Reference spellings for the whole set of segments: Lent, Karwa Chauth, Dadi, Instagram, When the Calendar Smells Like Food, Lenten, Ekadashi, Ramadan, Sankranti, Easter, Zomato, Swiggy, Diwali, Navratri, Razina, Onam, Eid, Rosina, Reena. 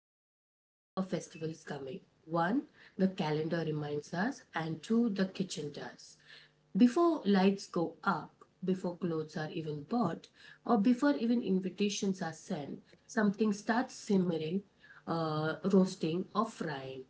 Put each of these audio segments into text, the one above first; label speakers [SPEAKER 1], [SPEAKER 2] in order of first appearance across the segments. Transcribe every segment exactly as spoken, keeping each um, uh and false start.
[SPEAKER 1] ways we know a festival is coming. One, the calendar reminds us, and two, the kitchen does. Before lights go up, before clothes are even bought, or before even invitations are sent, something starts simmering, uh, roasting, or frying.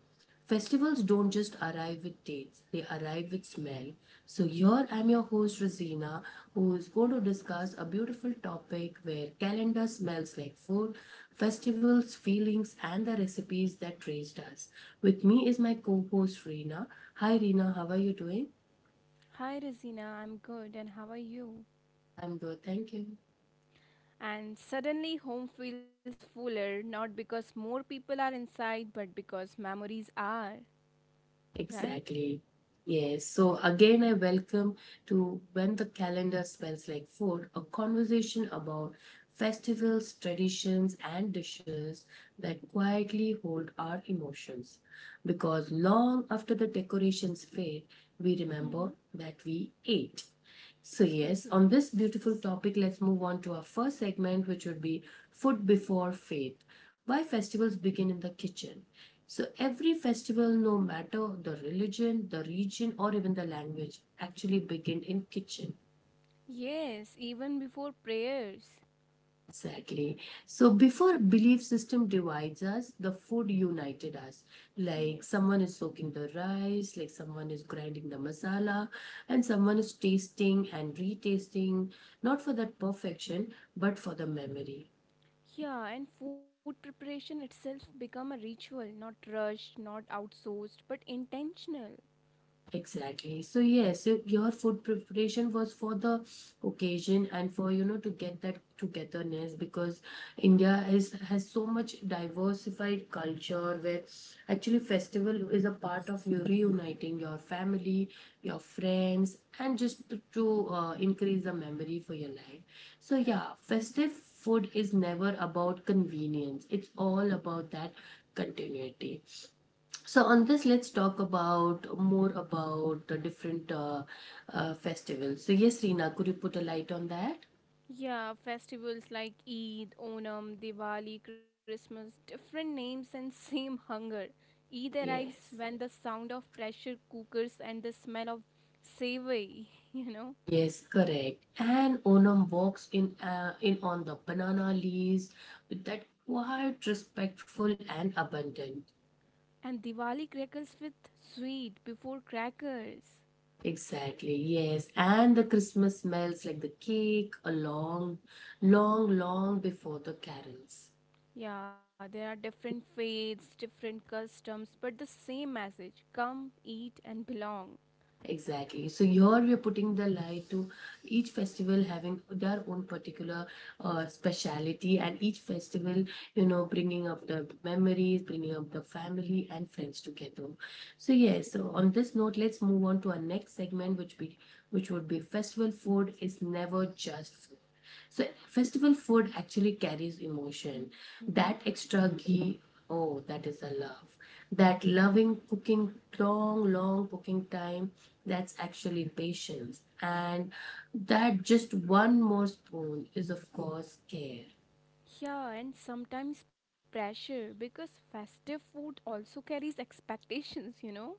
[SPEAKER 1] Festivals don't just arrive with dates, they arrive with smell. So, here I'm your host, Rosina, who is going to discuss a beautiful topic where calendar smells like food, festivals, feelings, and the recipes that raised us. With me is my co host, Reena. Hi, Reena, how are you doing?
[SPEAKER 2] Hi, Razina. I'm good, and how are you?
[SPEAKER 1] I'm good, thank you.
[SPEAKER 2] And suddenly, home feels fuller, not because more people are inside, but because memories are, right?
[SPEAKER 1] Exactly. Yes. So again, I welcome to When the Calendar Smells Like Food, a conversation about festivals, traditions, and dishes that quietly hold our emotions. Because long after the decorations fade, we
[SPEAKER 2] Mm-hmm.
[SPEAKER 1] remember that we ate. So,
[SPEAKER 2] Exactly.
[SPEAKER 1] yes, on this beautiful topic, let's move on to our first segment, which would be food before faith. Why festivals begin in the kitchen? So every festival, no matter the religion, the region, or even the language, actually begin in kitchen.
[SPEAKER 2] Yes, even before prayers.
[SPEAKER 1] Exactly. So before belief system divides us, the food united us. Like
[SPEAKER 2] Yeah.
[SPEAKER 1] someone is soaking the rice, like someone is grinding the masala, and someone is tasting and retasting, not for that perfection, but for the memory.
[SPEAKER 2] Yeah, and food preparation itself become a ritual, not rushed, not outsourced, but intentional.
[SPEAKER 1] Exactly. So yes, y- your food preparation was for the occasion and for you know to get that togetherness because India is has so much diversified culture where actually festival is a part of you reuniting your family, your friends, and just to, to uh, increase the memory for your life. So yeah, festive food is never about convenience. It's all about that continuity. So on this, let's talk about more about the different uh, uh, festivals. So yes, Reena, could you put a light on that?
[SPEAKER 2] Yeah, festivals like Eid, Onam, Diwali, Christmas, different names and same hunger. Eid arrives
[SPEAKER 1] Yes.
[SPEAKER 2] when the sound of pressure cookers and the smell of savory, you know,
[SPEAKER 1] Yes, correct. And Onam walks in uh, in on the banana leaves with that quiet, respectful, and abundant.
[SPEAKER 2] and Diwali crackles with sweet before crackers.
[SPEAKER 1] Exactly, yes. And the Christmas smells like the cake, a long, long, long before the carols.
[SPEAKER 2] Yeah, there are different faiths, different customs, but the same message come, eat, and belong.
[SPEAKER 1] Exactly. So here we are putting the light to each festival having their own particular uh, speciality, and each festival, you know, bringing up the memories, bringing up the family and friends together. So yes. So on
[SPEAKER 2] Exactly.
[SPEAKER 1] this note, let's move on to our next segment, which be which would be festival food is never just food. So festival food actually carries emotion. That extra ghee, oh, that is a love. That loving cooking, long, long cooking time, that's actually patience. And that just one more spoon is, of course, care.
[SPEAKER 2] Yeah, and sometimes pressure because festive food also carries expectations, you know?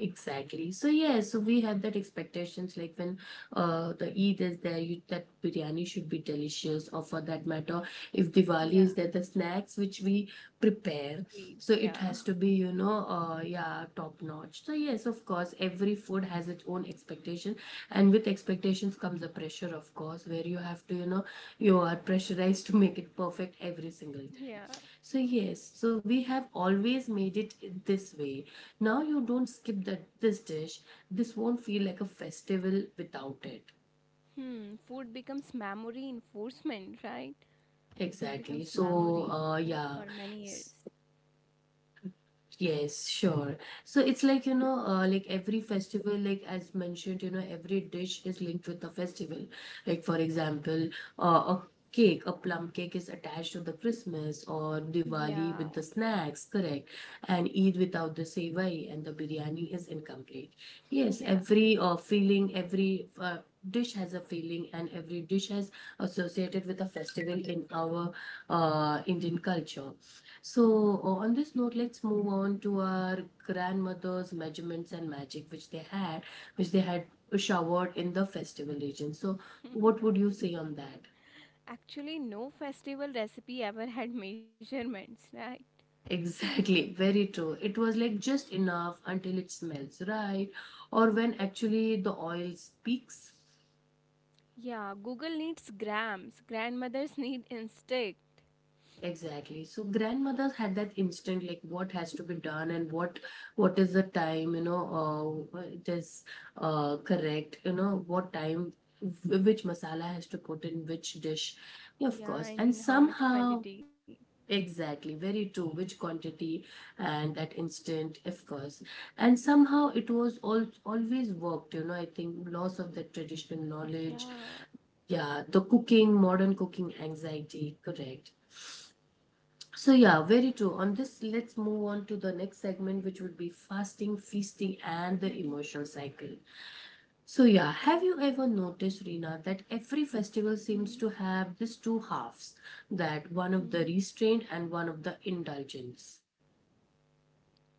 [SPEAKER 1] Exactly. So yeah, so we have that expectations like when uh the Eid is there, you that biryani should be delicious, or for that matter, if Diwali is
[SPEAKER 2] Yeah.
[SPEAKER 1] there, the snacks which we prepare,
[SPEAKER 2] Sweets,
[SPEAKER 1] so it
[SPEAKER 2] yeah.
[SPEAKER 1] has to be you know uh yeah top notch. So yes, of course, every food has its own expectation, and with expectations comes the pressure, of course, where you have to you know you are pressurized to make it perfect every single
[SPEAKER 2] Yeah.
[SPEAKER 1] time. So, yes, so we have always made it in this way. Now you don't skip that this dish. This won't feel like a festival without it.
[SPEAKER 2] Hmm, food becomes memory enforcement, right? Food
[SPEAKER 1] Exactly.
[SPEAKER 2] becomes
[SPEAKER 1] So,
[SPEAKER 2] memory
[SPEAKER 1] uh,
[SPEAKER 2] for
[SPEAKER 1] yeah.
[SPEAKER 2] many years.
[SPEAKER 1] Yes, sure. So it's like, you know, uh, like every festival, like as mentioned, you know, every dish is linked with the festival. Like, for example, uh, a cake, a plum cake is attached to the Christmas or
[SPEAKER 2] Yeah.
[SPEAKER 1] Diwali with the snacks, correct? And Eid without the sevai and the biryani is incomplete. Yes,
[SPEAKER 2] Yeah.
[SPEAKER 1] every uh, feeling, every uh, dish has a feeling and every dish is associated with a festival in our uh, indian culture. So uh, on this note, let's move on to our grandmother's measurements and magic which they had which they had showered in the festival region. So what would you say on that?
[SPEAKER 2] Actually, no festival recipe ever had measurements, right?
[SPEAKER 1] Exactly, very true. It was like just enough until it smells right, or when actually the oil speaks.
[SPEAKER 2] Yeah, Google needs grams, grandmothers need instinct.
[SPEAKER 1] Exactly. So grandmothers had that instinct, like what has to be done and what what is the time, you know, uh, it is uh, correct, you know, what time, wh- which masala has to put in which dish. Yeah,
[SPEAKER 2] Yeah,
[SPEAKER 1] of
[SPEAKER 2] I
[SPEAKER 1] course.
[SPEAKER 2] mean,
[SPEAKER 1] And
[SPEAKER 2] how much
[SPEAKER 1] somehow,
[SPEAKER 2] quantity?
[SPEAKER 1] exactly, very true, which quantity and that instant, of course. And somehow it was all always worked, you know. I think loss of that traditional knowledge,
[SPEAKER 2] Yeah.
[SPEAKER 1] yeah, the cooking, modern cooking anxiety, correct. So yeah, very true. On this, let's move on to the next segment, which would be fasting, feasting, and the
[SPEAKER 2] Mm-hmm.
[SPEAKER 1] emotional cycle. So yeah, have
[SPEAKER 2] Okay.
[SPEAKER 1] you ever noticed, Rina, that every festival seems
[SPEAKER 2] Mm-hmm.
[SPEAKER 1] to have these two halves, that one of the
[SPEAKER 2] Mm-hmm.
[SPEAKER 1] restraint and one of the indulgence?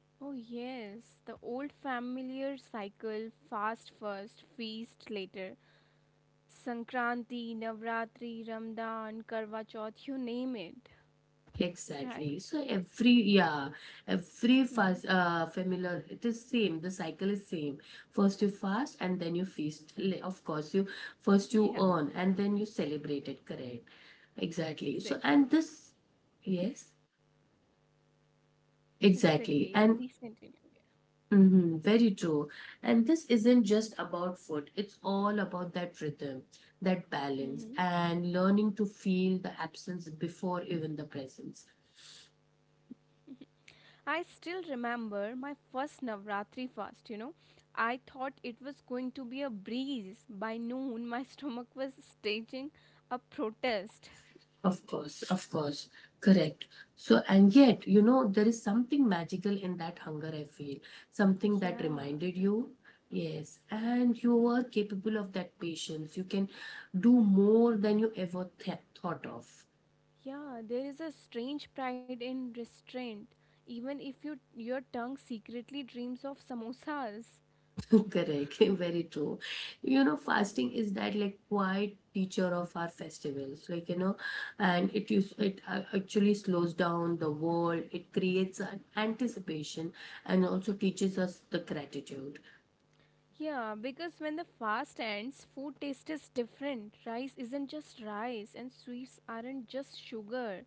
[SPEAKER 2] Oh, yes, the old familiar cycle fast first, feast later. Sankranti, Navratri, Ramadan, Karwa Chauth, you name it,
[SPEAKER 1] Exactly.
[SPEAKER 2] right?
[SPEAKER 1] So every yeah, every fast
[SPEAKER 2] Mm.
[SPEAKER 1] uh familiar it is same. The cycle is same. First you fast and then you feast. Li- Of course, you first you
[SPEAKER 2] Yeah,
[SPEAKER 1] earn and then you celebrate it. Correct. Exactly. So and
[SPEAKER 2] exactly.
[SPEAKER 1] this yes,
[SPEAKER 2] Exactly.
[SPEAKER 1] exactly.
[SPEAKER 2] Yeah,
[SPEAKER 1] And
[SPEAKER 2] please continue.
[SPEAKER 1] mhm, very true. And this isn't just about food. It's all about that rhythm, that balance,
[SPEAKER 2] Mm-hmm.
[SPEAKER 1] and learning to feel the absence before even the presence.
[SPEAKER 2] I still remember my first Navratri fast, you know. I thought it was going to be a breeze. By noon, my stomach was staging a protest.
[SPEAKER 1] Of course, of course, correct. So, and yet, you know, there is something magical in that hunger, I feel. Something that
[SPEAKER 2] Yeah.
[SPEAKER 1] reminded you, yes, and you were capable of that patience. You can do more than you ever th- thought of.
[SPEAKER 2] Yeah, there is a strange pride in restraint, even if you, your tongue secretly dreams of samosas.
[SPEAKER 1] Correct, very true. You know, fasting is that like quiet teacher of our festivals, like, you know, and it is, it uh, actually slows down the world, it creates an anticipation and also teaches us the gratitude.
[SPEAKER 2] Yeah, because when the fast ends, food taste is different. Rice isn't just rice, and sweets aren't just sugar.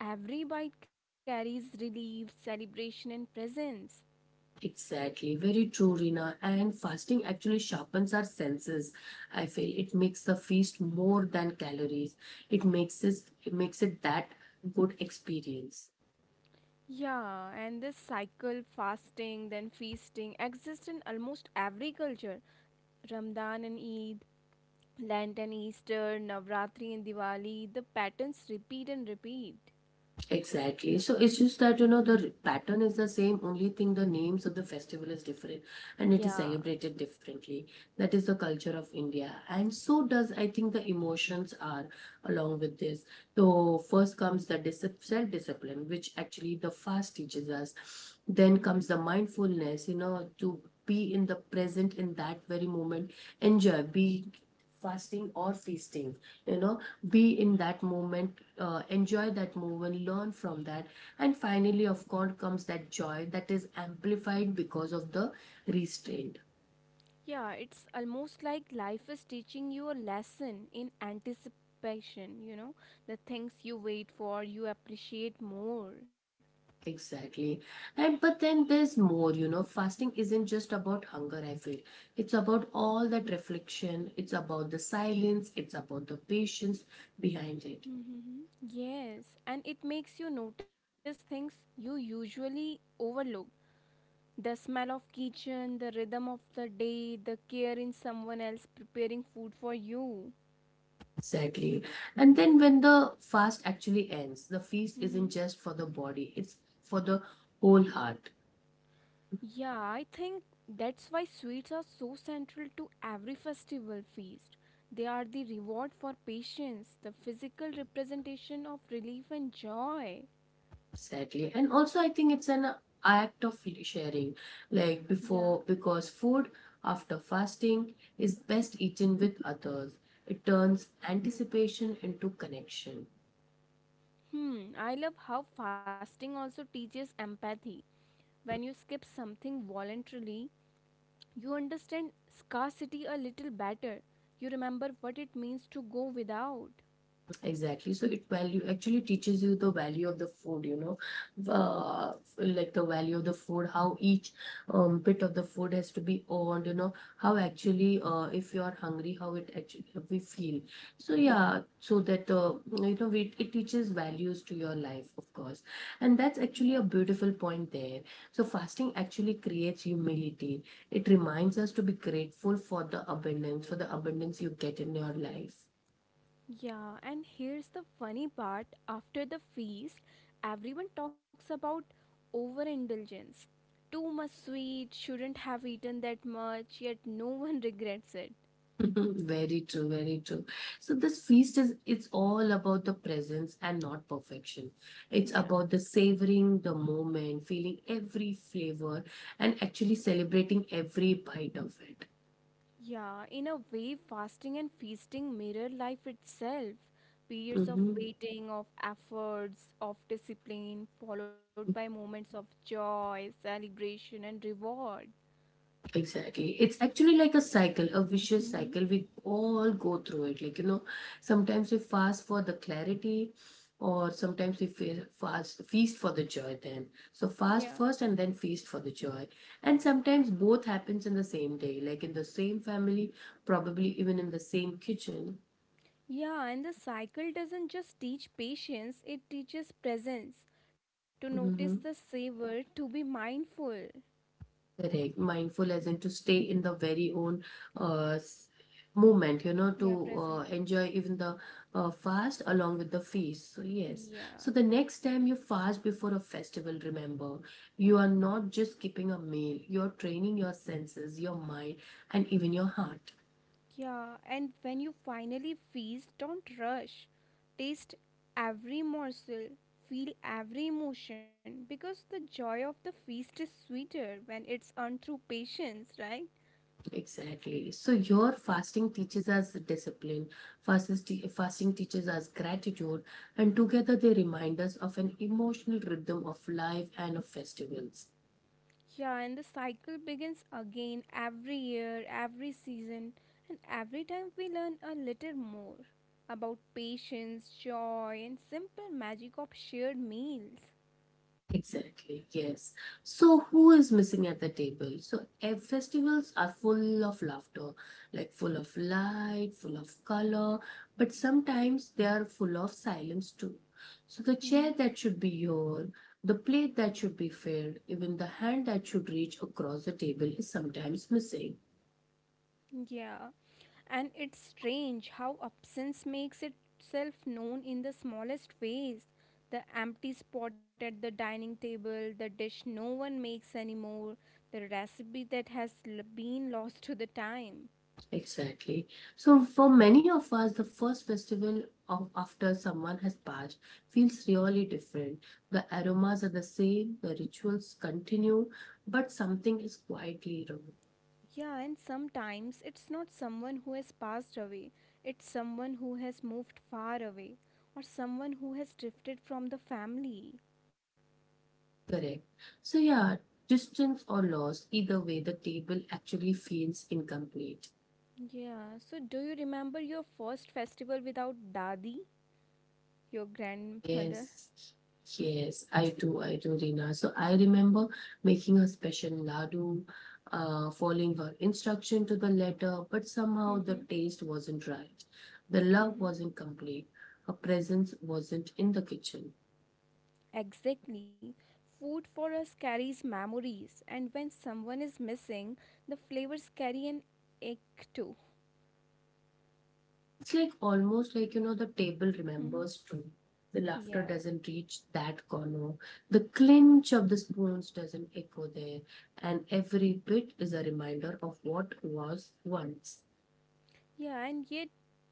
[SPEAKER 2] Every bite carries relief, celebration, and presence.
[SPEAKER 1] Exactly, very true, Rina. And fasting actually sharpens our senses. I feel it makes the feast more than calories. It makes it, it makes it that good experience.
[SPEAKER 2] Yeah, and this cycle, fasting, then feasting, exists in almost every culture. Ramadan and Eid, Lenten, Easter, Navratri, and Diwali, the patterns repeat and repeat.
[SPEAKER 1] Exactly. So it's just that, you know, the r- pattern is the same, only thing the names of the festival is different and it is
[SPEAKER 2] Yeah.
[SPEAKER 1] celebrated differently. That is the culture of India. And so does, I think, the emotions are along with this. So first comes the dis- self-discipline, which actually the fast teaches us. Then
[SPEAKER 2] Hmm.
[SPEAKER 1] comes the mindfulness, you know, to be in the present in that very moment, enjoy, be fasting or feasting, you know be in that moment uh, enjoy that moment learn from that and finally of course comes that joy that is amplified because of the restraint.
[SPEAKER 2] Yeah, it's almost like life is teaching you a lesson in anticipation, you know, the things you wait for, you appreciate more.
[SPEAKER 1] Exactly. And but then there's more, you know, fasting isn't just about hunger, I feel. It's about all that reflection, it's about the silence, it's about the patience behind it.
[SPEAKER 2] Mm-hmm. Yes, and it makes you notice things you usually overlook. The smell of kitchen, the rhythm of the day, the care in someone else preparing food for you.
[SPEAKER 1] Exactly. And then when the fast actually ends, the feast isn't just for the body, it's for the whole heart.
[SPEAKER 2] Yeah, I think that's why sweets are so central to every festival feast. They are the reward for patience, the physical representation of relief and joy.
[SPEAKER 1] Exactly. And also, I think it's an act of sharing. Like
[SPEAKER 2] Yeah.
[SPEAKER 1] before, because food after fasting is best eaten with others, it turns anticipation into connection.
[SPEAKER 2] Hmm, I love how fasting also teaches empathy. When you skip something voluntarily, you understand scarcity a little better. You remember what it means to go without.
[SPEAKER 1] Exactly. So it value actually teaches you the value of the food, you know, uh, like the value of the food, how each um, bit of the food has to be owned, you know, how actually, uh, if you are hungry, how it actually we feel. So yeah, so that uh, you know, it, it teaches values to your life, of course, and that's actually a beautiful point there. So fasting actually creates humility. It reminds us to be grateful for the abundance, for the abundance you get in your life.
[SPEAKER 2] Yeah, and here's the funny part after the feast, everyone talks about overindulgence. Too much sweet, shouldn't have eaten that much, yet no one regrets it.
[SPEAKER 1] Mhm. Very true, very true. So this feast is it's all about the presence and not perfection. It's about
[SPEAKER 2] Yeah.
[SPEAKER 1] the savoring the moment, feeling every flavor, and actually celebrating every bite of it.
[SPEAKER 2] Yeah, in a way, fasting and feasting mirror life itself. Periods
[SPEAKER 1] Mm-hmm.
[SPEAKER 2] of waiting, of efforts, of discipline, followed by moments of joy, celebration, and reward.
[SPEAKER 1] Exactly. It's actually like a cycle, a vicious cycle.
[SPEAKER 2] Mm-hmm.
[SPEAKER 1] We all go through it. Like, you know, sometimes we fast for the clarity, or sometimes we fe- fast, feast for the joy then. So,
[SPEAKER 2] Yeah.
[SPEAKER 1] fast first and then feast for the joy. And sometimes both happens in the same day, like in the same family, probably even in the same kitchen.
[SPEAKER 2] Yeah, and the cycle doesn't just teach patience, it teaches presence to notice the
[SPEAKER 1] Mm-hmm.
[SPEAKER 2] savor, to be mindful.
[SPEAKER 1] Correct. Mindful as in to stay in the very own uh, s- moment, you know,
[SPEAKER 2] Yeah,
[SPEAKER 1] to
[SPEAKER 2] present.
[SPEAKER 1] uh,
[SPEAKER 2] Moment.
[SPEAKER 1] enjoy even the uh, fast along with the feast. So, yes. So,
[SPEAKER 2] Yeah,
[SPEAKER 1] the next time you fast before a festival, remember, you are not just skipping a meal, you're training your senses, your mind, and even your heart.
[SPEAKER 2] yeah. And when you finally feast, don't rush. Taste every morsel, feel every emotion because the joy of the feast is sweeter when it's earned through patience, right?
[SPEAKER 1] Exactly. So, your fasting teaches us discipline, fasting, te- fasting teaches us gratitude, and together they remind us of an emotional rhythm of life and of festivals.
[SPEAKER 2] Yeah, and the cycle begins again every year, every season, and every time we learn a little more about patience, joy, and simple magic of shared meals.
[SPEAKER 1] Exactly, yes. So, who is missing at the table? So, eh, festivals are full of laughter, like full of light, full of color, but sometimes they are full of silence too. So, the chair
[SPEAKER 2] Hmm.
[SPEAKER 1] that should be your, the plate that should be filled, even the hand that should reach across the table is sometimes missing.
[SPEAKER 2] Yeah, and it's strange how absence makes itself known in the smallest ways. The empty spot at the dining table, the dish no one makes anymore, the recipe that has l- been lost to the time.
[SPEAKER 1] Exactly. So, for many of us, the first festival of after someone has passed feels really different. The aromas are the same, the rituals continue, but something is quietly wrong.
[SPEAKER 2] Yeah, and sometimes it's not someone who has passed away, it's someone who has moved far away, or someone who has drifted from the family.
[SPEAKER 1] Correct. So, yeah, distance or loss, either way, the table actually feels incomplete.
[SPEAKER 2] Yeah, so do you remember your first festival without Dadi, your grandmother?
[SPEAKER 1] Yes, yes, I do, I do, Reena. So I remember making a special laddu, uh, following her instruction to the letter, but
[SPEAKER 2] Mm-hmm,
[SPEAKER 1] somehow the taste wasn't right. The love
[SPEAKER 2] mm-hmm.
[SPEAKER 1] wasn't complete. Her presence wasn't in the kitchen.
[SPEAKER 2] Exactly. Food for us carries memories, and when someone is missing, the flavors carry an ache too.
[SPEAKER 1] It's like almost like, you know, the table
[SPEAKER 2] Mm-hmm.
[SPEAKER 1] remembers too. The laughter
[SPEAKER 2] Yeah.
[SPEAKER 1] doesn't reach that corner. The clinch of the spoons doesn't echo there. And every bit is a reminder of what was once.
[SPEAKER 2] Yeah, and yet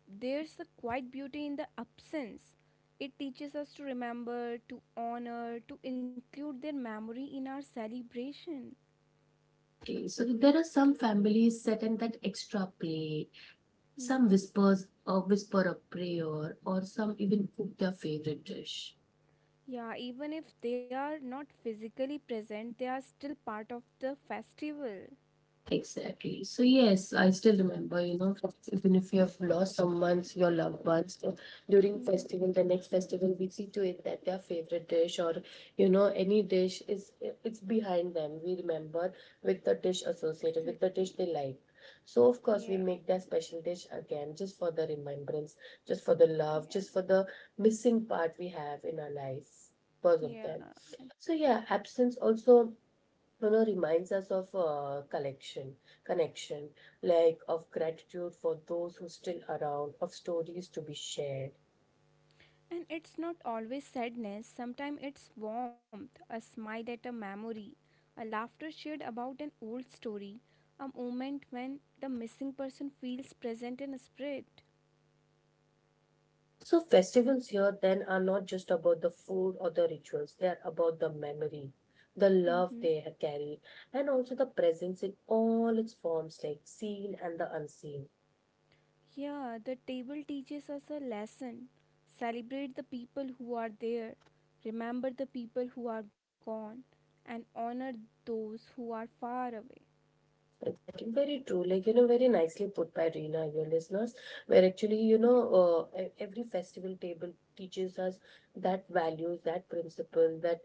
[SPEAKER 2] there's a quiet beauty in the absence. It teaches us to remember, to honor, to include their memory in our celebration.
[SPEAKER 1] Okay, so there are some families set in that extra plate.
[SPEAKER 2] Hmm.
[SPEAKER 1] Some whispers or whisper a prayer, or some even cook their favorite dish.
[SPEAKER 2] Yeah, even if they are not physically present, they are still part of the festival.
[SPEAKER 1] Exactly. So yes, I still remember, you know, even if you have lost someone's your loved ones uh, during
[SPEAKER 2] Hmm.
[SPEAKER 1] festival, the next festival we see to it that their favorite dish or you know any dish is it's behind them. We remember with the dish associated with the dish
[SPEAKER 2] Exactly.
[SPEAKER 1] they like. So of course
[SPEAKER 2] Yeah,
[SPEAKER 1] we make that special dish again just for the remembrance, just for the love,
[SPEAKER 2] yeah.
[SPEAKER 1] just for the missing part we have in our life because of
[SPEAKER 2] Yeah,
[SPEAKER 1] them. So
[SPEAKER 2] exactly.
[SPEAKER 1] yeah, absence also you know reminds us of uh, collection connection, like of gratitude for those who still around, of stories to be shared.
[SPEAKER 2] And it's not always sadness, sometimes it's warmth, a smile at a memory, a laughter shared about an old story, a moment when the missing person feels present in spirit.
[SPEAKER 1] So festivals here then are not just about the food or the rituals, they are about the memory, the
[SPEAKER 2] Mm-hmm.
[SPEAKER 1] love they ha- carry, and also the presence in all its forms, like seen and the unseen.
[SPEAKER 2] Yeah, the table teaches us a lesson. Celebrate the people who are there, remember the people who are gone, and honor those who are far away.
[SPEAKER 1] Exactly, very true. Like, you know, very nicely put by Reena, your listeners, where actually, you
[SPEAKER 2] Yeah.
[SPEAKER 1] know, uh, e- every festival table teaches us that values, that principle, that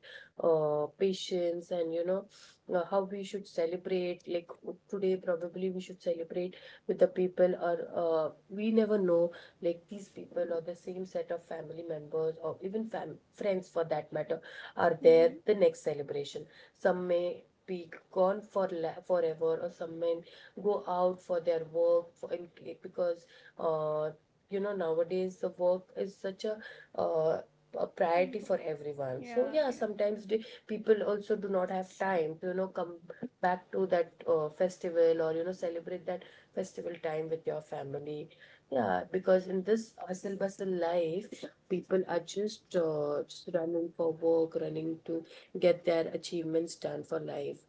[SPEAKER 1] uh, patience, and, you know, uh, how we should celebrate. Like, w- today, probably we should celebrate with the people, or uh, we never know, like, these people or the same set of family members, or even fam- friends for that matter, are there
[SPEAKER 2] Mm-hmm.
[SPEAKER 1] the next celebration. Some may be gone for la- forever, or some men go out for their work for, and, because uh, you know nowadays the work is such a uh, a priority for
[SPEAKER 2] Important.
[SPEAKER 1] everyone.
[SPEAKER 2] Yeah,
[SPEAKER 1] So yeah,
[SPEAKER 2] yeah,
[SPEAKER 1] sometimes the people also do not have time to you know come back to that uh, festival, or you know celebrate that festival time with your family. Yeah, because in this hustle bustle life, people are just uh, just running for work, running to get their achievements done for life.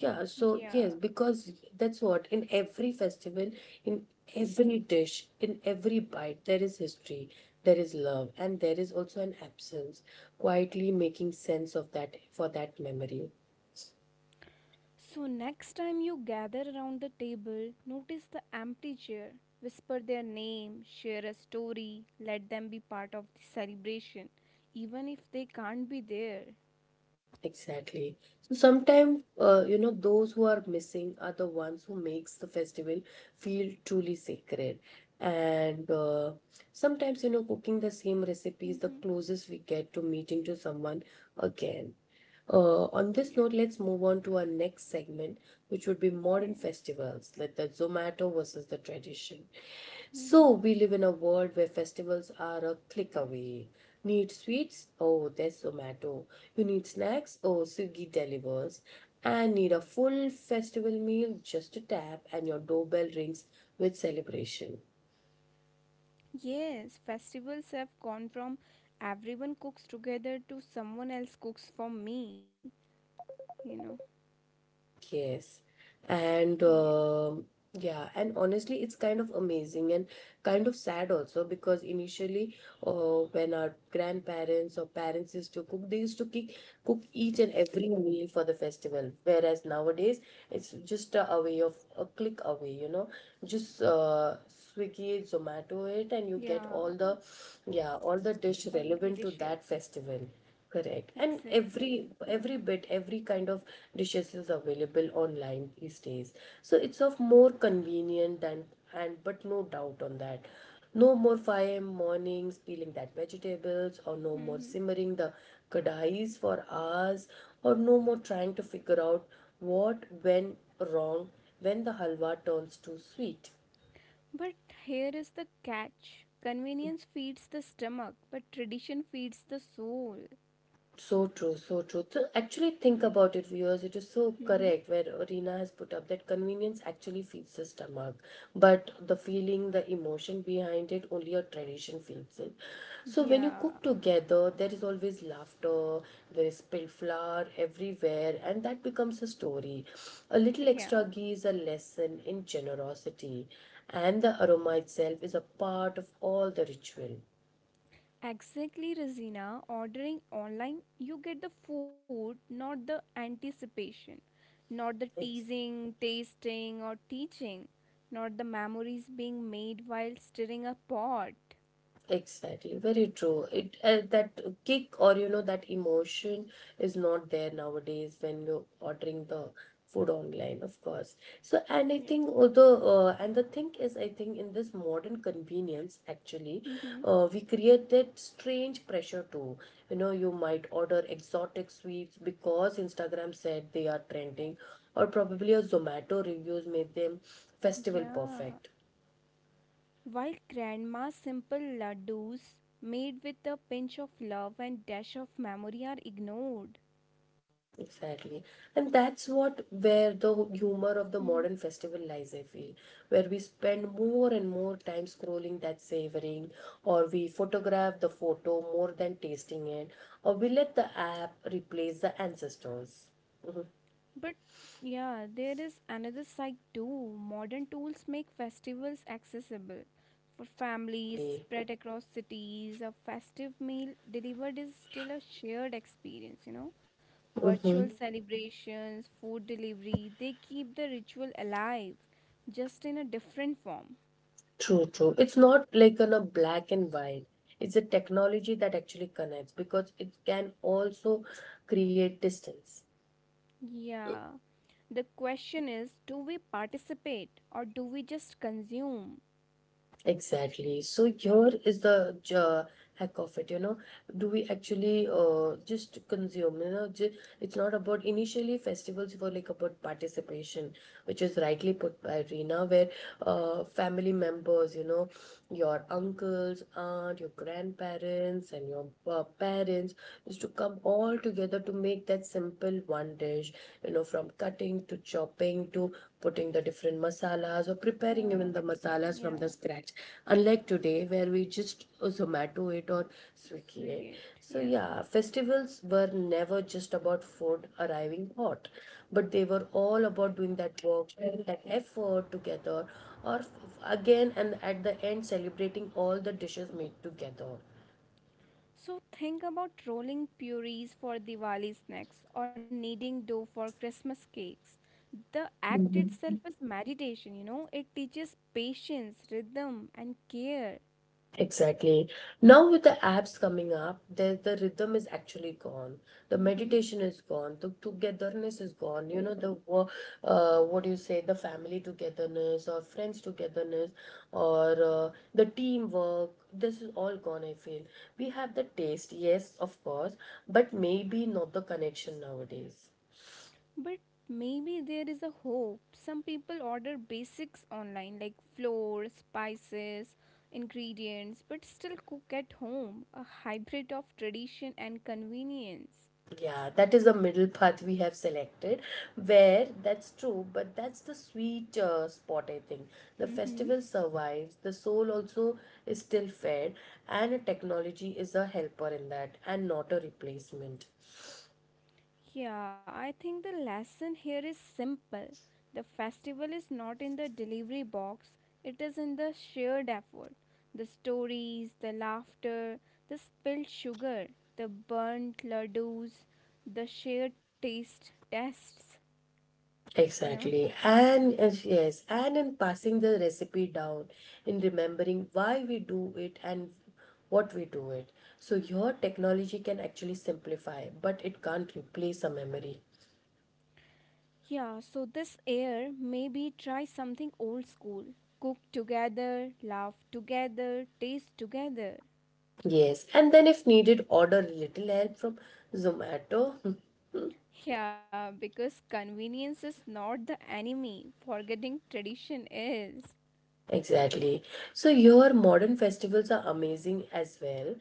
[SPEAKER 1] Yeah, so
[SPEAKER 2] yeah.
[SPEAKER 1] yes, because that's what, in every festival, in every dish, in every bite, there is history, there is love, and there is also an absence, quietly making sense of that for that memory.
[SPEAKER 2] So, next time you gather around the table, notice the empty chair. Whisper their name, share a story, let them be part of the celebration, even if they can't be there.
[SPEAKER 1] Exactly. So sometimes, uh, you know, those who are missing are the ones who makes the festival feel truly sacred. And uh, sometimes, you know, cooking the same recipe is the
[SPEAKER 2] Mm-hmm.
[SPEAKER 1] closest we get to meeting to someone again. Uh, on this
[SPEAKER 2] Yeah.
[SPEAKER 1] note, let's move on to our next segment, which would be modern
[SPEAKER 2] Okay.
[SPEAKER 1] festivals, like the Zomato versus the tradition.
[SPEAKER 2] Mm-hmm.
[SPEAKER 1] So, we live in a world where festivals are a click away. Need sweets? Oh, there's Zomato. You need snacks? Oh, Swiggy delivers. And need a full festival meal? Just a tap, and your doorbell rings with celebration.
[SPEAKER 2] Yes, festivals have gone from everyone cooks together to someone else cooks for me, you know.
[SPEAKER 1] Yes. And
[SPEAKER 2] Yeah.
[SPEAKER 1] um Yeah, and honestly, it's kind of amazing and kind of sad also, because initially, uh, when our grandparents or parents used to cook, they used to kick, cook each and every meal for the festival. Whereas nowadays, it's just a, a way of a click away, you know, just uh, Swiggy it, Zomato it, and you
[SPEAKER 2] Yeah,
[SPEAKER 1] get all the, yeah, all the dish
[SPEAKER 2] all the
[SPEAKER 1] relevant to that
[SPEAKER 2] dishes.
[SPEAKER 1] festival. Correct. And
[SPEAKER 2] Exactly.
[SPEAKER 1] every every bit, every kind of dishes is available online these days. So it's of more convenient than and but no doubt on that. No more five a m mornings peeling that vegetables, or no more
[SPEAKER 2] Mm-hmm.
[SPEAKER 1] simmering the kadhais for hours, or no more trying to figure out what went wrong when the halwa turns too sweet.
[SPEAKER 2] But here is the catch convenience feeds the stomach, but tradition feeds the soul.
[SPEAKER 1] So true, so true. So actually
[SPEAKER 2] Yeah.
[SPEAKER 1] think about it, viewers. It is so
[SPEAKER 2] Mhm.
[SPEAKER 1] correct where Rina has put up that convenience actually feeds the stomach, but the feeling, the emotion behind it, only a tradition feeds it. So when you
[SPEAKER 2] Yeah.
[SPEAKER 1] cook together, there is always laughter, there is spilled flour everywhere, and that becomes a story. A little
[SPEAKER 2] Yeah.
[SPEAKER 1] extra ghee is a lesson in generosity, and the aroma itself is a part of all the ritual.
[SPEAKER 2] Exactly, Razina. Ordering online, you get the food, not the anticipation, not the
[SPEAKER 1] Exactly.
[SPEAKER 2] teasing, tasting, or teaching, not the memories being made while stirring a pot.
[SPEAKER 1] Exactly, very true. It uh, that kick or you know that emotion is not there nowadays when you're ordering the food online, of course. So, and I
[SPEAKER 2] Yeah.
[SPEAKER 1] think although uh, and the thing is, I think in this modern convenience, actually,
[SPEAKER 2] Mm-hmm.
[SPEAKER 1] uh, we create that strange pressure too. You know, you might order exotic sweets because Instagram said they are trending, or probably a Zomato reviews made them festival
[SPEAKER 2] Yeah.
[SPEAKER 1] perfect.
[SPEAKER 2] While grandma's simple laddus, made with a pinch of love and dash of memory, are ignored.
[SPEAKER 1] Exactly. And that's what where the humor of the
[SPEAKER 2] Hmm.
[SPEAKER 1] modern festival lies, I feel, where we spend more and more time scrolling that savoring, or we photograph the photo more than tasting it, or we let the app replace the ancestors.
[SPEAKER 2] But yeah, there is another side too. Modern tools make festivals accessible for families
[SPEAKER 1] Exactly.
[SPEAKER 2] spread across cities. A festive meal delivered is still a shared experience, you know.
[SPEAKER 1] Hmm.
[SPEAKER 2] Virtual celebrations, food delivery, they keep the ritual alive, just in a different form.
[SPEAKER 1] True, true. It's not like on a black and white. It's a technology that actually connects because it can also create distance.
[SPEAKER 2] Yeah. The question is do we participate or do we just consume?
[SPEAKER 1] Exactly. So here is the j- hack of it, you know. Do we actually uh, just consume, you know, ju- it's not about initially festivals were like about participation, which is rightly put by Reena, where uh, family members, you know, your uncles, aunt, your grandparents, and your uh, parents used to come all together to make that simple one dish, you know, from cutting to chopping to putting the different masalas, or preparing even
[SPEAKER 2] Uh,
[SPEAKER 1] the
[SPEAKER 2] cooking,
[SPEAKER 1] masalas from the
[SPEAKER 2] yeah.
[SPEAKER 1] scratch, unlike today where we just uh, zomato it or swiggy it. So
[SPEAKER 2] Swigate, yeah.
[SPEAKER 1] yeah, festivals were never just about food arriving hot, but they were all about doing that work, that effort together, or f- again, and at the end celebrating all the dishes made together.
[SPEAKER 2] So think about rolling purees for Diwali snacks or kneading dough for Christmas cakes. The act itself is meditation, you know, it teaches patience, rhythm, and care.
[SPEAKER 1] Exactly. Now, with the apps coming up, the, the rhythm is actually gone. The meditation is gone. The togetherness is gone. You know, the, wo- uh, what do you say, the family togetherness or friends togetherness or uh, the teamwork. This is all gone, I feel. We have the taste, yes, of course, but maybe not the connection nowadays.
[SPEAKER 2] But maybe there is a hope. Some people order basics online like flour, spices, ingredients, but still cook at home, a hybrid of tradition and convenience.
[SPEAKER 1] Yeah, that is the middle path we have selected, where that's true, but that's the sweet uh, spot, I think. The festival survives, the soul also is still fed, and technology is a helper in that and not a replacement.
[SPEAKER 2] Yeah, I think the lesson here is simple. The festival is not in the delivery box, it is in the shared effort. The stories, the laughter, the spilled sugar, the burnt ladoos, the shared taste tests, you know.
[SPEAKER 1] Exactly. And uh, yes, and in passing the recipe down, in remembering why we do it and what we do it. So, your technology can actually simplify, but it can't replace a memory.
[SPEAKER 2] Yeah, so this year, maybe try something old school. Cook together, laugh together, taste together.
[SPEAKER 1] Yes, and then if needed, order a little help from Zomato.
[SPEAKER 2] Yeah, because convenience is not the enemy, forgetting tradition is.
[SPEAKER 1] Exactly. So your modern festivals are amazing as well.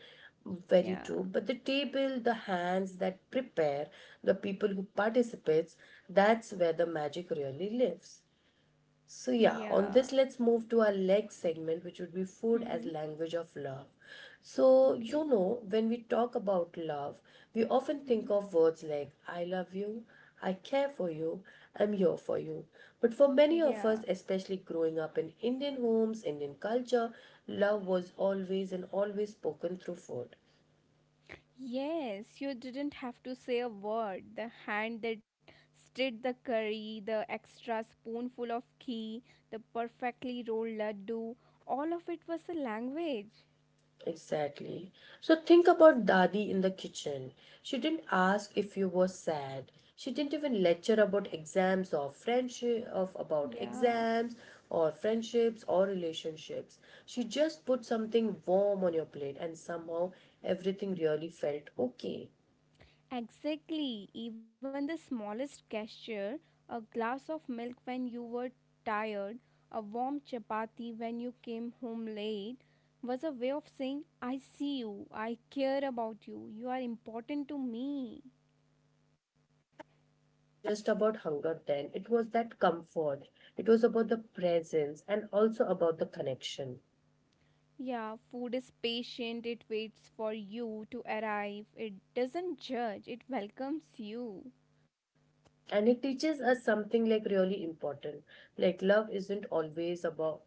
[SPEAKER 1] Very
[SPEAKER 2] Yeah,
[SPEAKER 1] true. But the table, the hands that prepare, the people who participates, that's where the magic really lives. So, yeah, on this,
[SPEAKER 2] yeah.
[SPEAKER 1] let's move to our next segment, which would be food as
[SPEAKER 2] Mm-hmm.
[SPEAKER 1] language of love. So, you
[SPEAKER 2] Okay.
[SPEAKER 1] know, when we talk about love, we often think
[SPEAKER 2] Hmm.
[SPEAKER 1] of words like I love you, I care for you, I'm here for you. But for many of
[SPEAKER 2] Yeah.
[SPEAKER 1] us, especially growing up in Indian homes, Indian culture, love was always and always spoken through food.
[SPEAKER 2] Yes, you didn't have to say a word. The hand that stirred the curry, the extra spoonful of ghee, the perfectly rolled laddu, all of it was a language.
[SPEAKER 1] Exactly. So think about Dadi in the kitchen. She didn't ask if you were sad. She didn't even lecture about exams or friendship of about
[SPEAKER 2] Yeah.
[SPEAKER 1] exams or friendships or relationships. She just put something warm on your plate, and somehow everything really felt okay.
[SPEAKER 2] Exactly, even the smallest gesture a glass of milk when you were tired, a warm chapati when you came home late was a way of saying, I see you, I care about you, you are important to me.
[SPEAKER 1] Just about hunger then. It was that comfort. It was about the presence and also about the connection.
[SPEAKER 2] Yeah, food is patient, it waits for you to arrive, it doesn't judge, it welcomes you.
[SPEAKER 1] And it teaches us something like really important, like love isn't always about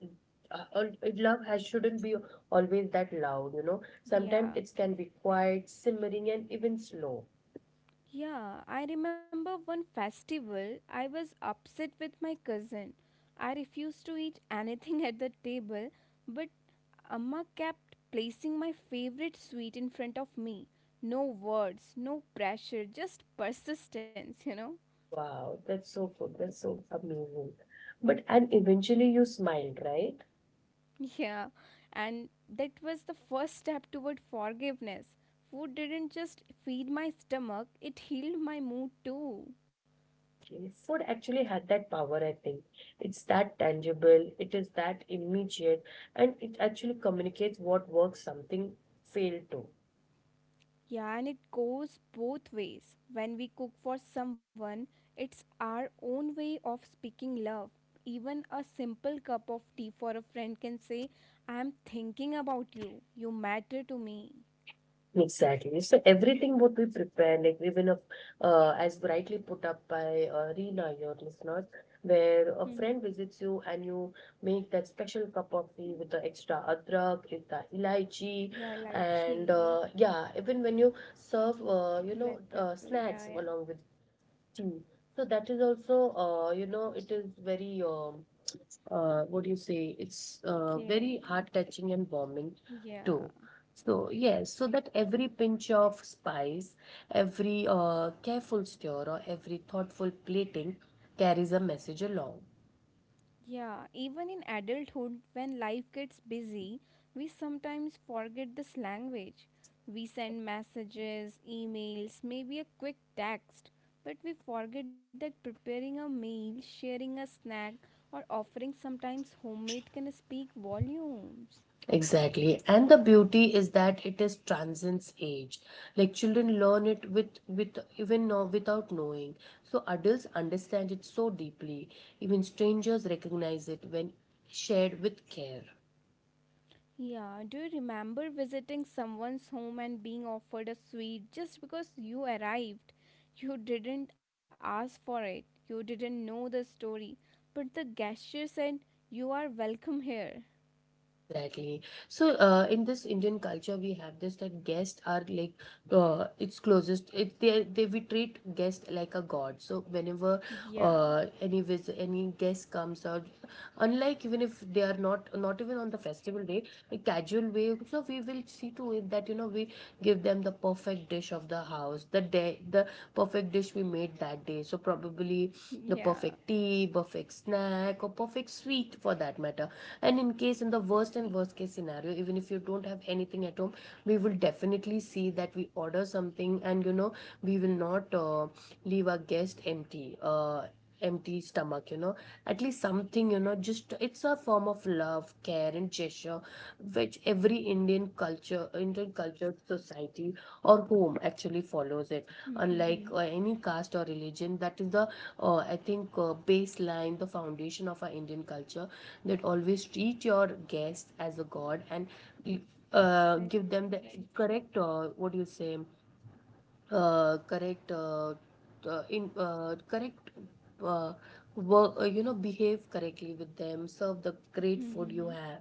[SPEAKER 1] uh, al- love has shouldn't be always that loud, you know, sometimes it
[SPEAKER 2] Yeah.
[SPEAKER 1] can be quiet, simmering, and even slow.
[SPEAKER 2] Yeah, I remember one festival I was upset with my cousin. I refused to eat anything at the table, but Amma kept placing my favorite sweet in front of me. No words, no pressure, just persistence, you know?
[SPEAKER 1] Wow, that's so good, that's so amazing. But and eventually you smiled, right?
[SPEAKER 2] Yeah, and that was the first step toward forgiveness. Food didn't just feed my stomach, it healed my mood too.
[SPEAKER 1] Okay, food actually had that power, I think. It's that tangible, it is that immediate, and it actually communicates what works something failed to.
[SPEAKER 2] Yeah, and it goes both ways. When we cook for someone, it's our own way of speaking love. Even a simple cup of tea for a friend can say, I'm thinking about you. You matter to me.
[SPEAKER 1] Exactly. So everything what we prepare, like even a, uh, as rightly put up by uh, Reena, your listeners, where a
[SPEAKER 2] Mm-hmm.
[SPEAKER 1] friend visits you and you make that special cup of tea with the extra adrak, with the elaichi,
[SPEAKER 2] Yeah, like
[SPEAKER 1] and
[SPEAKER 2] she,
[SPEAKER 1] uh, yeah, even when you serve, uh, you know,
[SPEAKER 2] black
[SPEAKER 1] uh,
[SPEAKER 2] pepper.
[SPEAKER 1] snacks
[SPEAKER 2] Yeah, yeah.
[SPEAKER 1] along with tea. So that is also, uh, you know, it is very um, uh, what do you say? It's uh, very
[SPEAKER 2] Caring.
[SPEAKER 1] heart touching and warming
[SPEAKER 2] Yeah.
[SPEAKER 1] too. So yes, so that every pinch of spice, every uh, careful stir, or every thoughtful plating carries a message along.
[SPEAKER 2] Yeah, even in adulthood, when life gets busy, we sometimes forget this language. We send messages, emails, maybe a quick text, but we forget that preparing a meal, sharing a snack, or offering sometimes homemade can speak volumes.
[SPEAKER 1] Exactly. And the beauty is that it is transcends age. Like children learn it with with even know, without knowing. So adults understand it so deeply. Even strangers recognize it when shared with care.
[SPEAKER 2] Yeah, do you remember visiting someone's home and being offered a sweet just because you arrived? You didn't ask for it, you didn't know the story, but the gesture said, you are welcome here.
[SPEAKER 1] Exactly. So, uh, in this Indian culture, we have this that guests are like, uh, it's closest. It they they we treat guest like a god. So whenever,
[SPEAKER 2] Yeah,
[SPEAKER 1] uh, any visit, any guest comes out, unlike even if they are not not even on the festival day, a casual way. So we will see to it that you know we give them the perfect dish of the house, the day the the perfect dish we made that day. So probably the
[SPEAKER 2] yeah,
[SPEAKER 1] perfect tea, perfect snack, or perfect sweet for that matter. And in case in the worst and
[SPEAKER 2] exactly.
[SPEAKER 1] worst case scenario, even if you don't have anything at home, we will definitely see that we order something, and you know we will not uh, leave our guest empty. Uh, empty stomach you know at least something you know just it's a form of love care and gesture which every indian culture indian cultured society or home actually follows it
[SPEAKER 2] Mm-hmm.
[SPEAKER 1] unlike uh, any caste or religion. That is the uh, I think uh, baseline the foundation of our indian culture, that always treat your guests as a god and uh, give
[SPEAKER 2] Exactly,
[SPEAKER 1] them the
[SPEAKER 2] very
[SPEAKER 1] correct uh, what do you say, uh, correct uh, uh, in uh, correct uh, work, uh, you know behave correctly with them, serve the great food you
[SPEAKER 2] true.
[SPEAKER 1] have.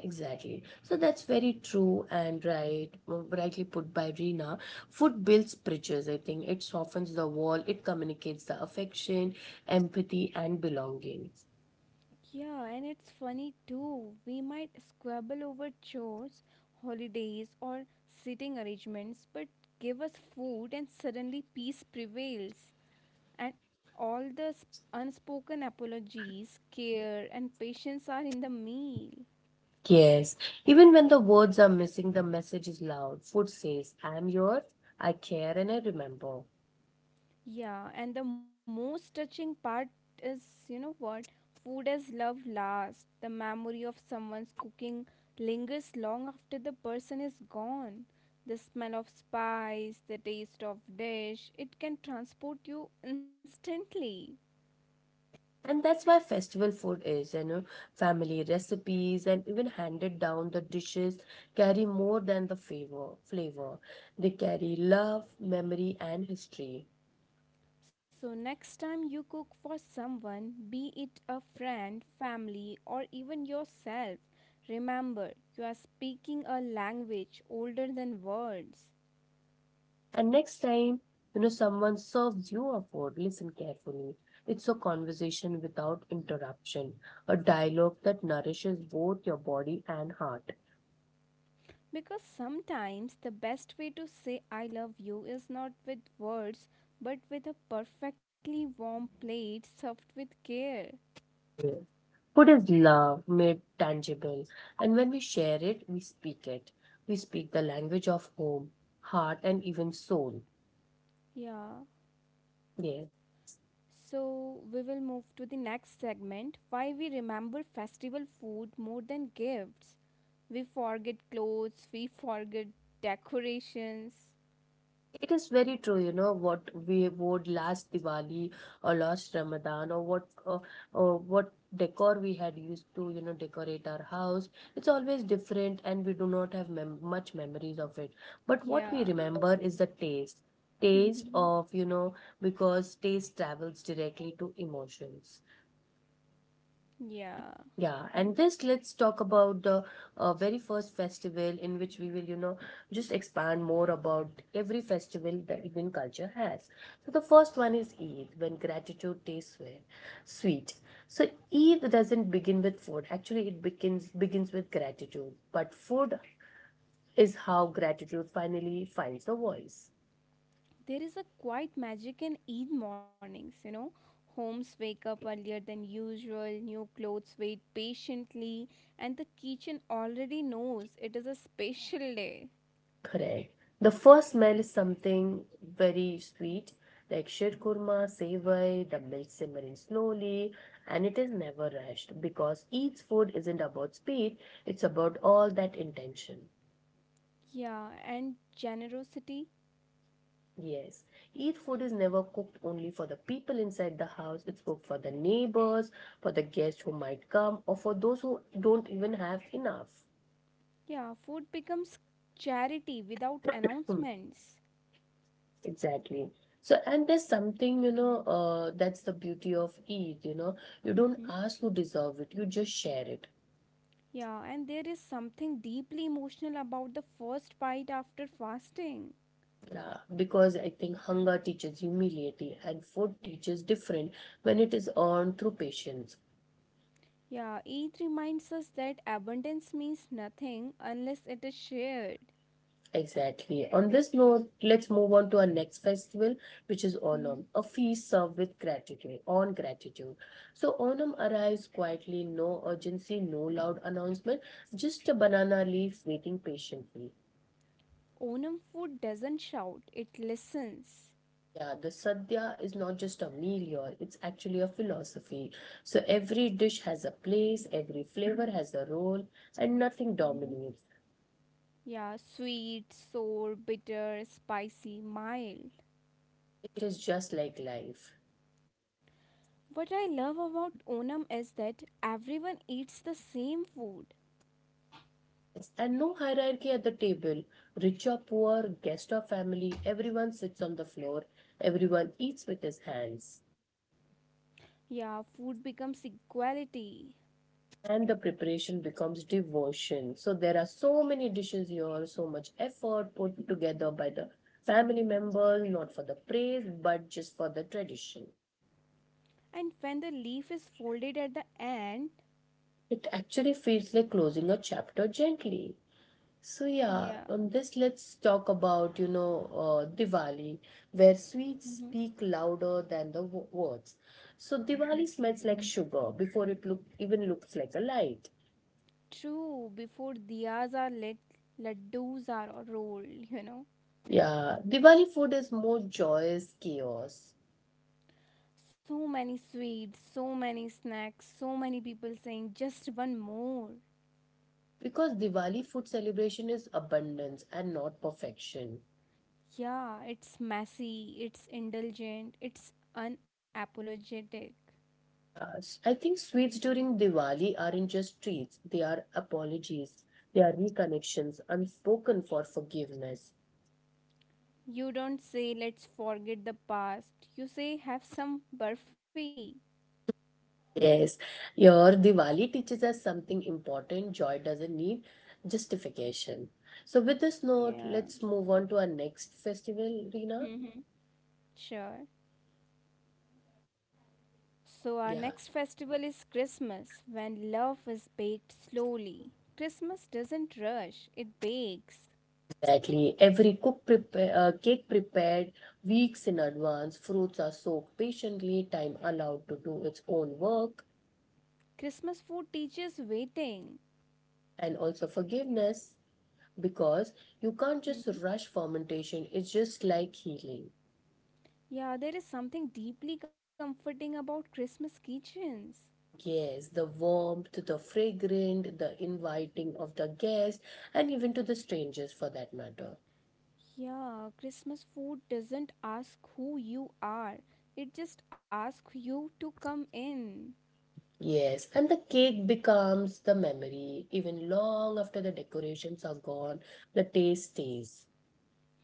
[SPEAKER 1] Exactly, so that's very true and right, uh, rightly put by Rina. Food builds bridges, I think it softens the wall, it communicates the affection, empathy and belonging.
[SPEAKER 2] Yeah, and it's funny too. We might squabble over chores, holidays, or seating arrangements, but give us food and suddenly peace prevails. And all the s- unspoken apologies, care, and patience are in the meal.
[SPEAKER 1] Yes, even when the words are missing the message is loud. Food says I'm yours, I care and I remember.
[SPEAKER 2] Yeah, and the most touching part is, you know what? Food as love lasts. The memory of someone's cooking lingers long after the person is gone. The smell of spice, the taste of dish, it can transport you instantly.
[SPEAKER 1] And that's why festival food is, you know, family recipes and even handed down the dishes carry more than the flavor flavor. They carry love, memory, and history.
[SPEAKER 2] So next time you cook for someone, be it a friend, family, or even yourself, remember you are speaking a language older than words.
[SPEAKER 1] And next time, you know, someone serves you a food, listen carefully. It's a conversation without interruption, a dialogue that nourishes both your body and heart.
[SPEAKER 2] Because sometimes the best way to say I love you is not with words but with a perfectly warm plate served with care.
[SPEAKER 1] Yes. Food is love made tangible, and when we share it, we speak it. We speak the language of home, heart, and even soul.
[SPEAKER 2] Yeah.
[SPEAKER 1] Yes.
[SPEAKER 2] So we will move to the next segment why we remember festival food more than gifts. We forget clothes, we forget decorations.
[SPEAKER 1] It is very true, you know, what we wore last Diwali or last Ramadan, or what uh, or what decor we had used to, you know, decorate our house. It's always different and we do not have mem- much memories of it. But what we
[SPEAKER 2] Yeah.
[SPEAKER 1] remember is the taste. Taste of, you know, because taste travels directly to emotions.
[SPEAKER 2] Yeah.
[SPEAKER 1] Yeah, and this, let's talk about the uh, very first festival in which we will, you know, just expand more about every festival that Indian culture has. So the first one is Eid, when gratitude tastes sweet. Sweet. So Eid doesn't begin with food. Actually, it begins begins with gratitude, but food is how gratitude finally finds a voice.
[SPEAKER 2] There is a quiet magic in Eid mornings, you know. Homes wake up earlier than usual, new clothes wait patiently, and the kitchen already knows it is a special day.
[SPEAKER 1] Correct. The first smell is something very sweet, like shir kurma, sevai, the milk simmering slowly, and it is never rushed because each food isn't about speed, it's about all that intention.
[SPEAKER 2] Yeah, and generosity.
[SPEAKER 1] Yes, each food is never cooked only for the people inside the house, it's cooked for the neighbors, for the guests who might come, or for those who don't even have enough.
[SPEAKER 2] Yeah, food becomes charity without
[SPEAKER 1] Hmm.
[SPEAKER 2] announcements.
[SPEAKER 1] Exactly. So, and there's something, you know, uh, that's the beauty of Eid, you know, you
[SPEAKER 2] Hmm.
[SPEAKER 1] don't ask to deserve it, you just share it.
[SPEAKER 2] Yeah, and there is something deeply emotional about the first bite after fasting.
[SPEAKER 1] Yeah, because I think hunger teaches humility and food teaches different when it is earned through patience.
[SPEAKER 2] Yeah, Eid reminds us that abundance means nothing unless it is shared.
[SPEAKER 1] Exactly. On this note, let's move on to our next festival, which is Onam,
[SPEAKER 2] Mhm.
[SPEAKER 1] a feast served with gratitude, on gratitude. So Onam arrives quietly, no urgency, no loud announcement, just a banana leaf waiting patiently.
[SPEAKER 2] Onam food doesn't shout, it listens.
[SPEAKER 1] Yeah, the sadhya is not just a meal, you It's actually a philosophy. So every dish has a place, every flavor has a role, and nothing dominates.
[SPEAKER 2] Yeah, sweet, sour, bitter, spicy, mild.
[SPEAKER 1] It is just like life.
[SPEAKER 2] What I love about Onam is that everyone eats the same food.
[SPEAKER 1] Yes, and no hierarchy at the table. Rich or poor, guest or family, everyone sits on the floor. Everyone eats with his hands.
[SPEAKER 2] Yeah, food becomes equality.
[SPEAKER 1] And the preparation becomes devotion. So there are so many dishes here, so much effort put together by the family members, not for the praise, but just for the tradition.
[SPEAKER 2] And when the leaf is folded at the end,
[SPEAKER 1] It actually feels like closing a chapter gently. So yeah,
[SPEAKER 2] yeah.
[SPEAKER 1] on this let's talk about you know uh, Diwali, where sweets
[SPEAKER 2] Mhm.
[SPEAKER 1] speak louder than the wo- words. So Diwali smells like sugar before it look even looks like a light.
[SPEAKER 2] True, before diyas are lit, laddus are rolled, you know.
[SPEAKER 1] Yeah, Diwali food is more joyous chaos.
[SPEAKER 2] So many sweets, so many snacks, so many people saying just one more.
[SPEAKER 1] Because Diwali food celebration is abundance and not perfection.
[SPEAKER 2] Yeah, it's messy, it's indulgent, it's unapologetic.
[SPEAKER 1] Uh, s- I think sweets during Diwali aren't just treats, they are apologies, they are reconnections, unspoken for forgiveness.
[SPEAKER 2] You don't say let's forget the past. You say have some burfi.
[SPEAKER 1] Yes, your Diwali teaches us something important. Joy doesn't need justification. So, with this note,
[SPEAKER 2] Yeah.
[SPEAKER 1] let's move on to our next festival, Rina.
[SPEAKER 2] Mm-hmm. Sure. So our
[SPEAKER 1] Yeah.
[SPEAKER 2] next festival is Christmas when love is baked slowly. Christmas doesn't rush, it bakes.
[SPEAKER 1] Exactly. Every cook prepare, uh, cake prepared weeks in advance. Fruits are soaked patiently. Time allowed to do its own work
[SPEAKER 2] Christmas food teaches waiting.
[SPEAKER 1] and also forgiveness, because you can't just
[SPEAKER 2] Mm-hmm.
[SPEAKER 1] rush fermentation. It's just like healing.
[SPEAKER 2] Yeah, there is something deeply comforting about Christmas kitchens.
[SPEAKER 1] Yes, the warmth, the fragrant, the inviting of the guest, and even to the strangers for that matter.
[SPEAKER 2] Yeah, Christmas food doesn't ask who you are, it just asks you to come in.
[SPEAKER 1] Yes, and the cake becomes the memory. Even long after the decorations are gone, the taste stays.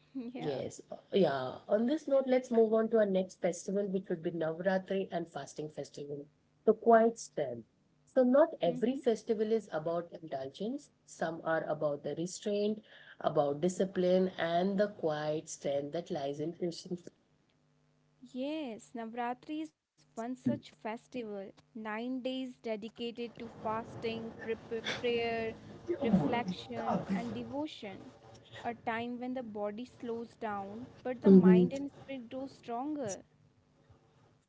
[SPEAKER 2] Yeah.
[SPEAKER 1] Yes, uh, yeah. On this note, let's move on to our next festival, which would be Navratri and Fasting Festival, the quiet strength. So, not
[SPEAKER 2] Mhm.
[SPEAKER 1] every festival is about indulgence. Some are about the restraint, about discipline, and the quiet strength that lies in Krishna.
[SPEAKER 2] Yes, Navratri is one such festival. Nine days dedicated to fasting, pre- pre- prayer, reflection, and devotion. A time when the body slows down, but the
[SPEAKER 1] Mhm.
[SPEAKER 2] mind and spirit grow stronger.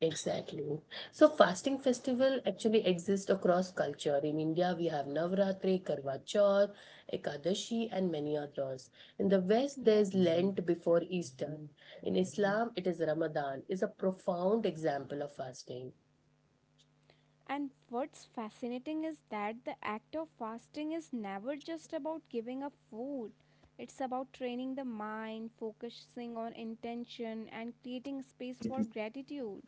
[SPEAKER 1] Exactly. So fasting festival actually exist across culture. In India, we have Navratri, Karwa Chauth, Ekadashi, and many others. In the West,
[SPEAKER 2] Yeah.
[SPEAKER 1] there's Lent before Easter. In Islam, it is Ramadan. Is a profound example of fasting.
[SPEAKER 2] And what's fascinating is that the act of fasting is never just about giving up food. It's about training the mind, focusing on intention, and creating space for gratitude.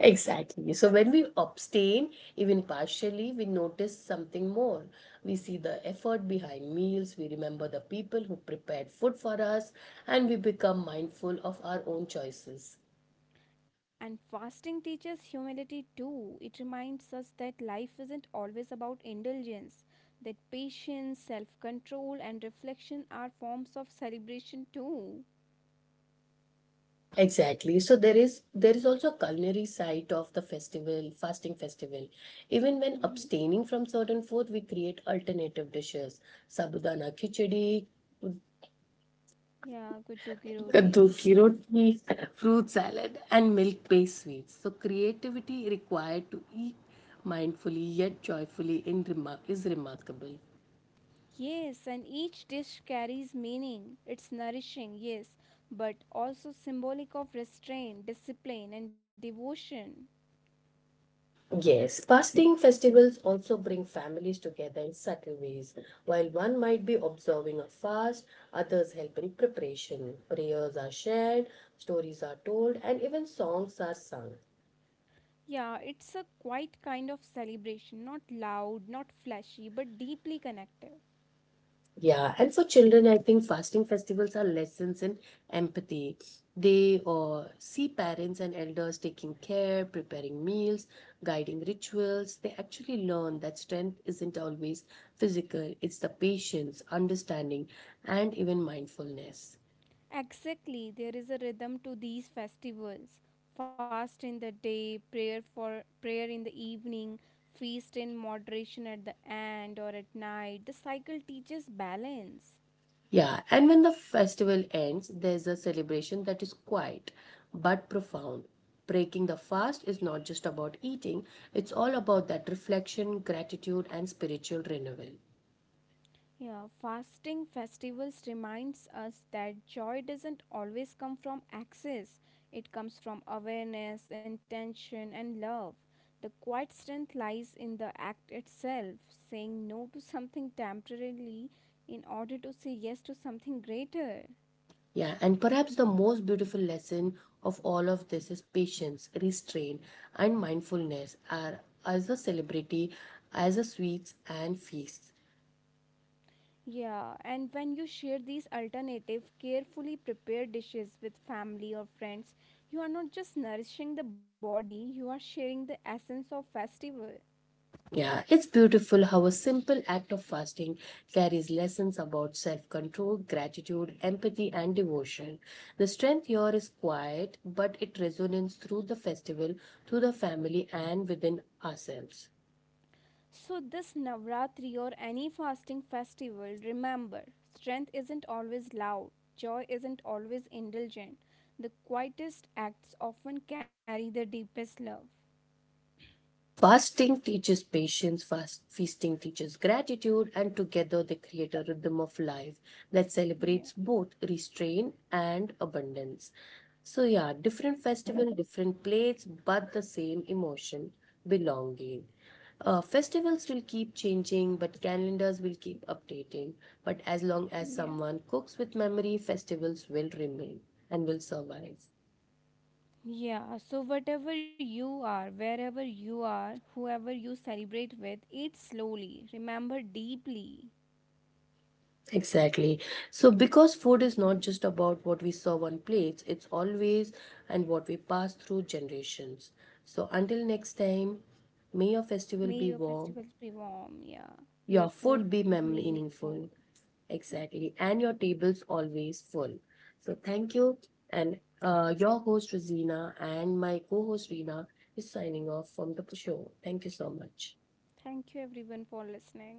[SPEAKER 1] Exactly. So when we abstain, even partially, we notice something more. We see the effort behind meals, we remember the people who prepared food for us, and we become mindful of our own choices.
[SPEAKER 2] And fasting teaches humility too. It reminds us that life isn't always about indulgence, that patience, self control, and reflection are forms of celebration too.
[SPEAKER 1] Exactly. So there is there is also a culinary side of the festival, fasting festival. Even when
[SPEAKER 2] Mhm.
[SPEAKER 1] abstaining from certain food, we create alternative dishes. Sabudana khichdi,
[SPEAKER 2] Yeah, good to
[SPEAKER 1] kaddu ki
[SPEAKER 2] roti.
[SPEAKER 1] roti, fruit salad, and milk-based sweets. So creativity required to eat mindfully yet joyfully in remar- is remarkable.
[SPEAKER 2] Yes, and each dish carries meaning. It's nourishing, yes, but also symbolic of restraint, discipline, and devotion.
[SPEAKER 1] Yes, fasting festivals also bring families together in subtle ways. While one might be observing a fast, others help in preparation. Prayers are shared, stories are told, and even songs are sung.
[SPEAKER 2] Yeah, it's a quiet kind of celebration, not loud, not flashy, but deeply connective.
[SPEAKER 1] Yeah, and for children, I think fasting festivals are lessons in empathy. They uh, see parents and elders taking care, preparing meals, guiding rituals. They actually learn that strength isn't always physical, it's the patience, understanding, and even mindfulness.
[SPEAKER 2] Exactly, there is a rhythm to these festivals. Fast in the day, prayer for prayer in the evening, feast in moderation at the end or at night. The cycle teaches balance.
[SPEAKER 1] Yeah, and when the festival ends, there's a celebration that is quiet but profound. Breaking the fast is not just about eating, it's all about that reflection, gratitude, and spiritual renewal.
[SPEAKER 2] Yeah, fasting festivals reminds us that joy doesn't always come from access. It comes from awareness, intention and love. The quiet strength lies in the act itself, saying no to something temporarily in order to say yes to something greater.
[SPEAKER 1] Yeah, and perhaps the most beautiful lesson of all of this is patience, restraint, and mindfulness are as a celebrity, as a sweets and feasts.
[SPEAKER 2] Yeah, and when you share these alternative, carefully prepared dishes with family or friends, you are not just nourishing the body, you are sharing the essence of festival.
[SPEAKER 1] Yeah, it's beautiful how a simple act of fasting carries lessons about self control, gratitude, empathy, and devotion. The strength here is quiet, but it resonates through the festival, through the family, and within ourselves.
[SPEAKER 2] So, this Navratri or any fasting festival, remember strength isn't always loud, joy isn't always indulgent. The quietest acts often carry the deepest love.
[SPEAKER 1] Fasting teaches patience, fast, feasting teaches gratitude, and together they create a rhythm of life that celebrates
[SPEAKER 2] Yeah,
[SPEAKER 1] both restraint and abundance. So, yeah, different festival, different plates, but the same emotion belonging. Uh, festivals will keep changing, but calendars will keep updating. But as long as
[SPEAKER 2] yeah.
[SPEAKER 1] someone cooks with memory, festivals will remain and will survive.
[SPEAKER 2] Yeah, so whatever you are, wherever you are, whoever you celebrate with, eat slowly, remember deeply.
[SPEAKER 1] Exactly. So, because food is not just about what we serve on plates, it's always and what we pass through generations. So, until next time, may your
[SPEAKER 2] May
[SPEAKER 1] festival
[SPEAKER 2] your
[SPEAKER 1] be warm,
[SPEAKER 2] festivals be warm, yeah, your
[SPEAKER 1] your
[SPEAKER 2] food
[SPEAKER 1] food be mem-
[SPEAKER 2] meaningful.
[SPEAKER 1] meaningful, exactly, and your tables always full. So, thank you. And uh, your host, Rosina, and my co host, Rina, is signing off from the show. Thank you so much.
[SPEAKER 2] Thank you everyone for listening.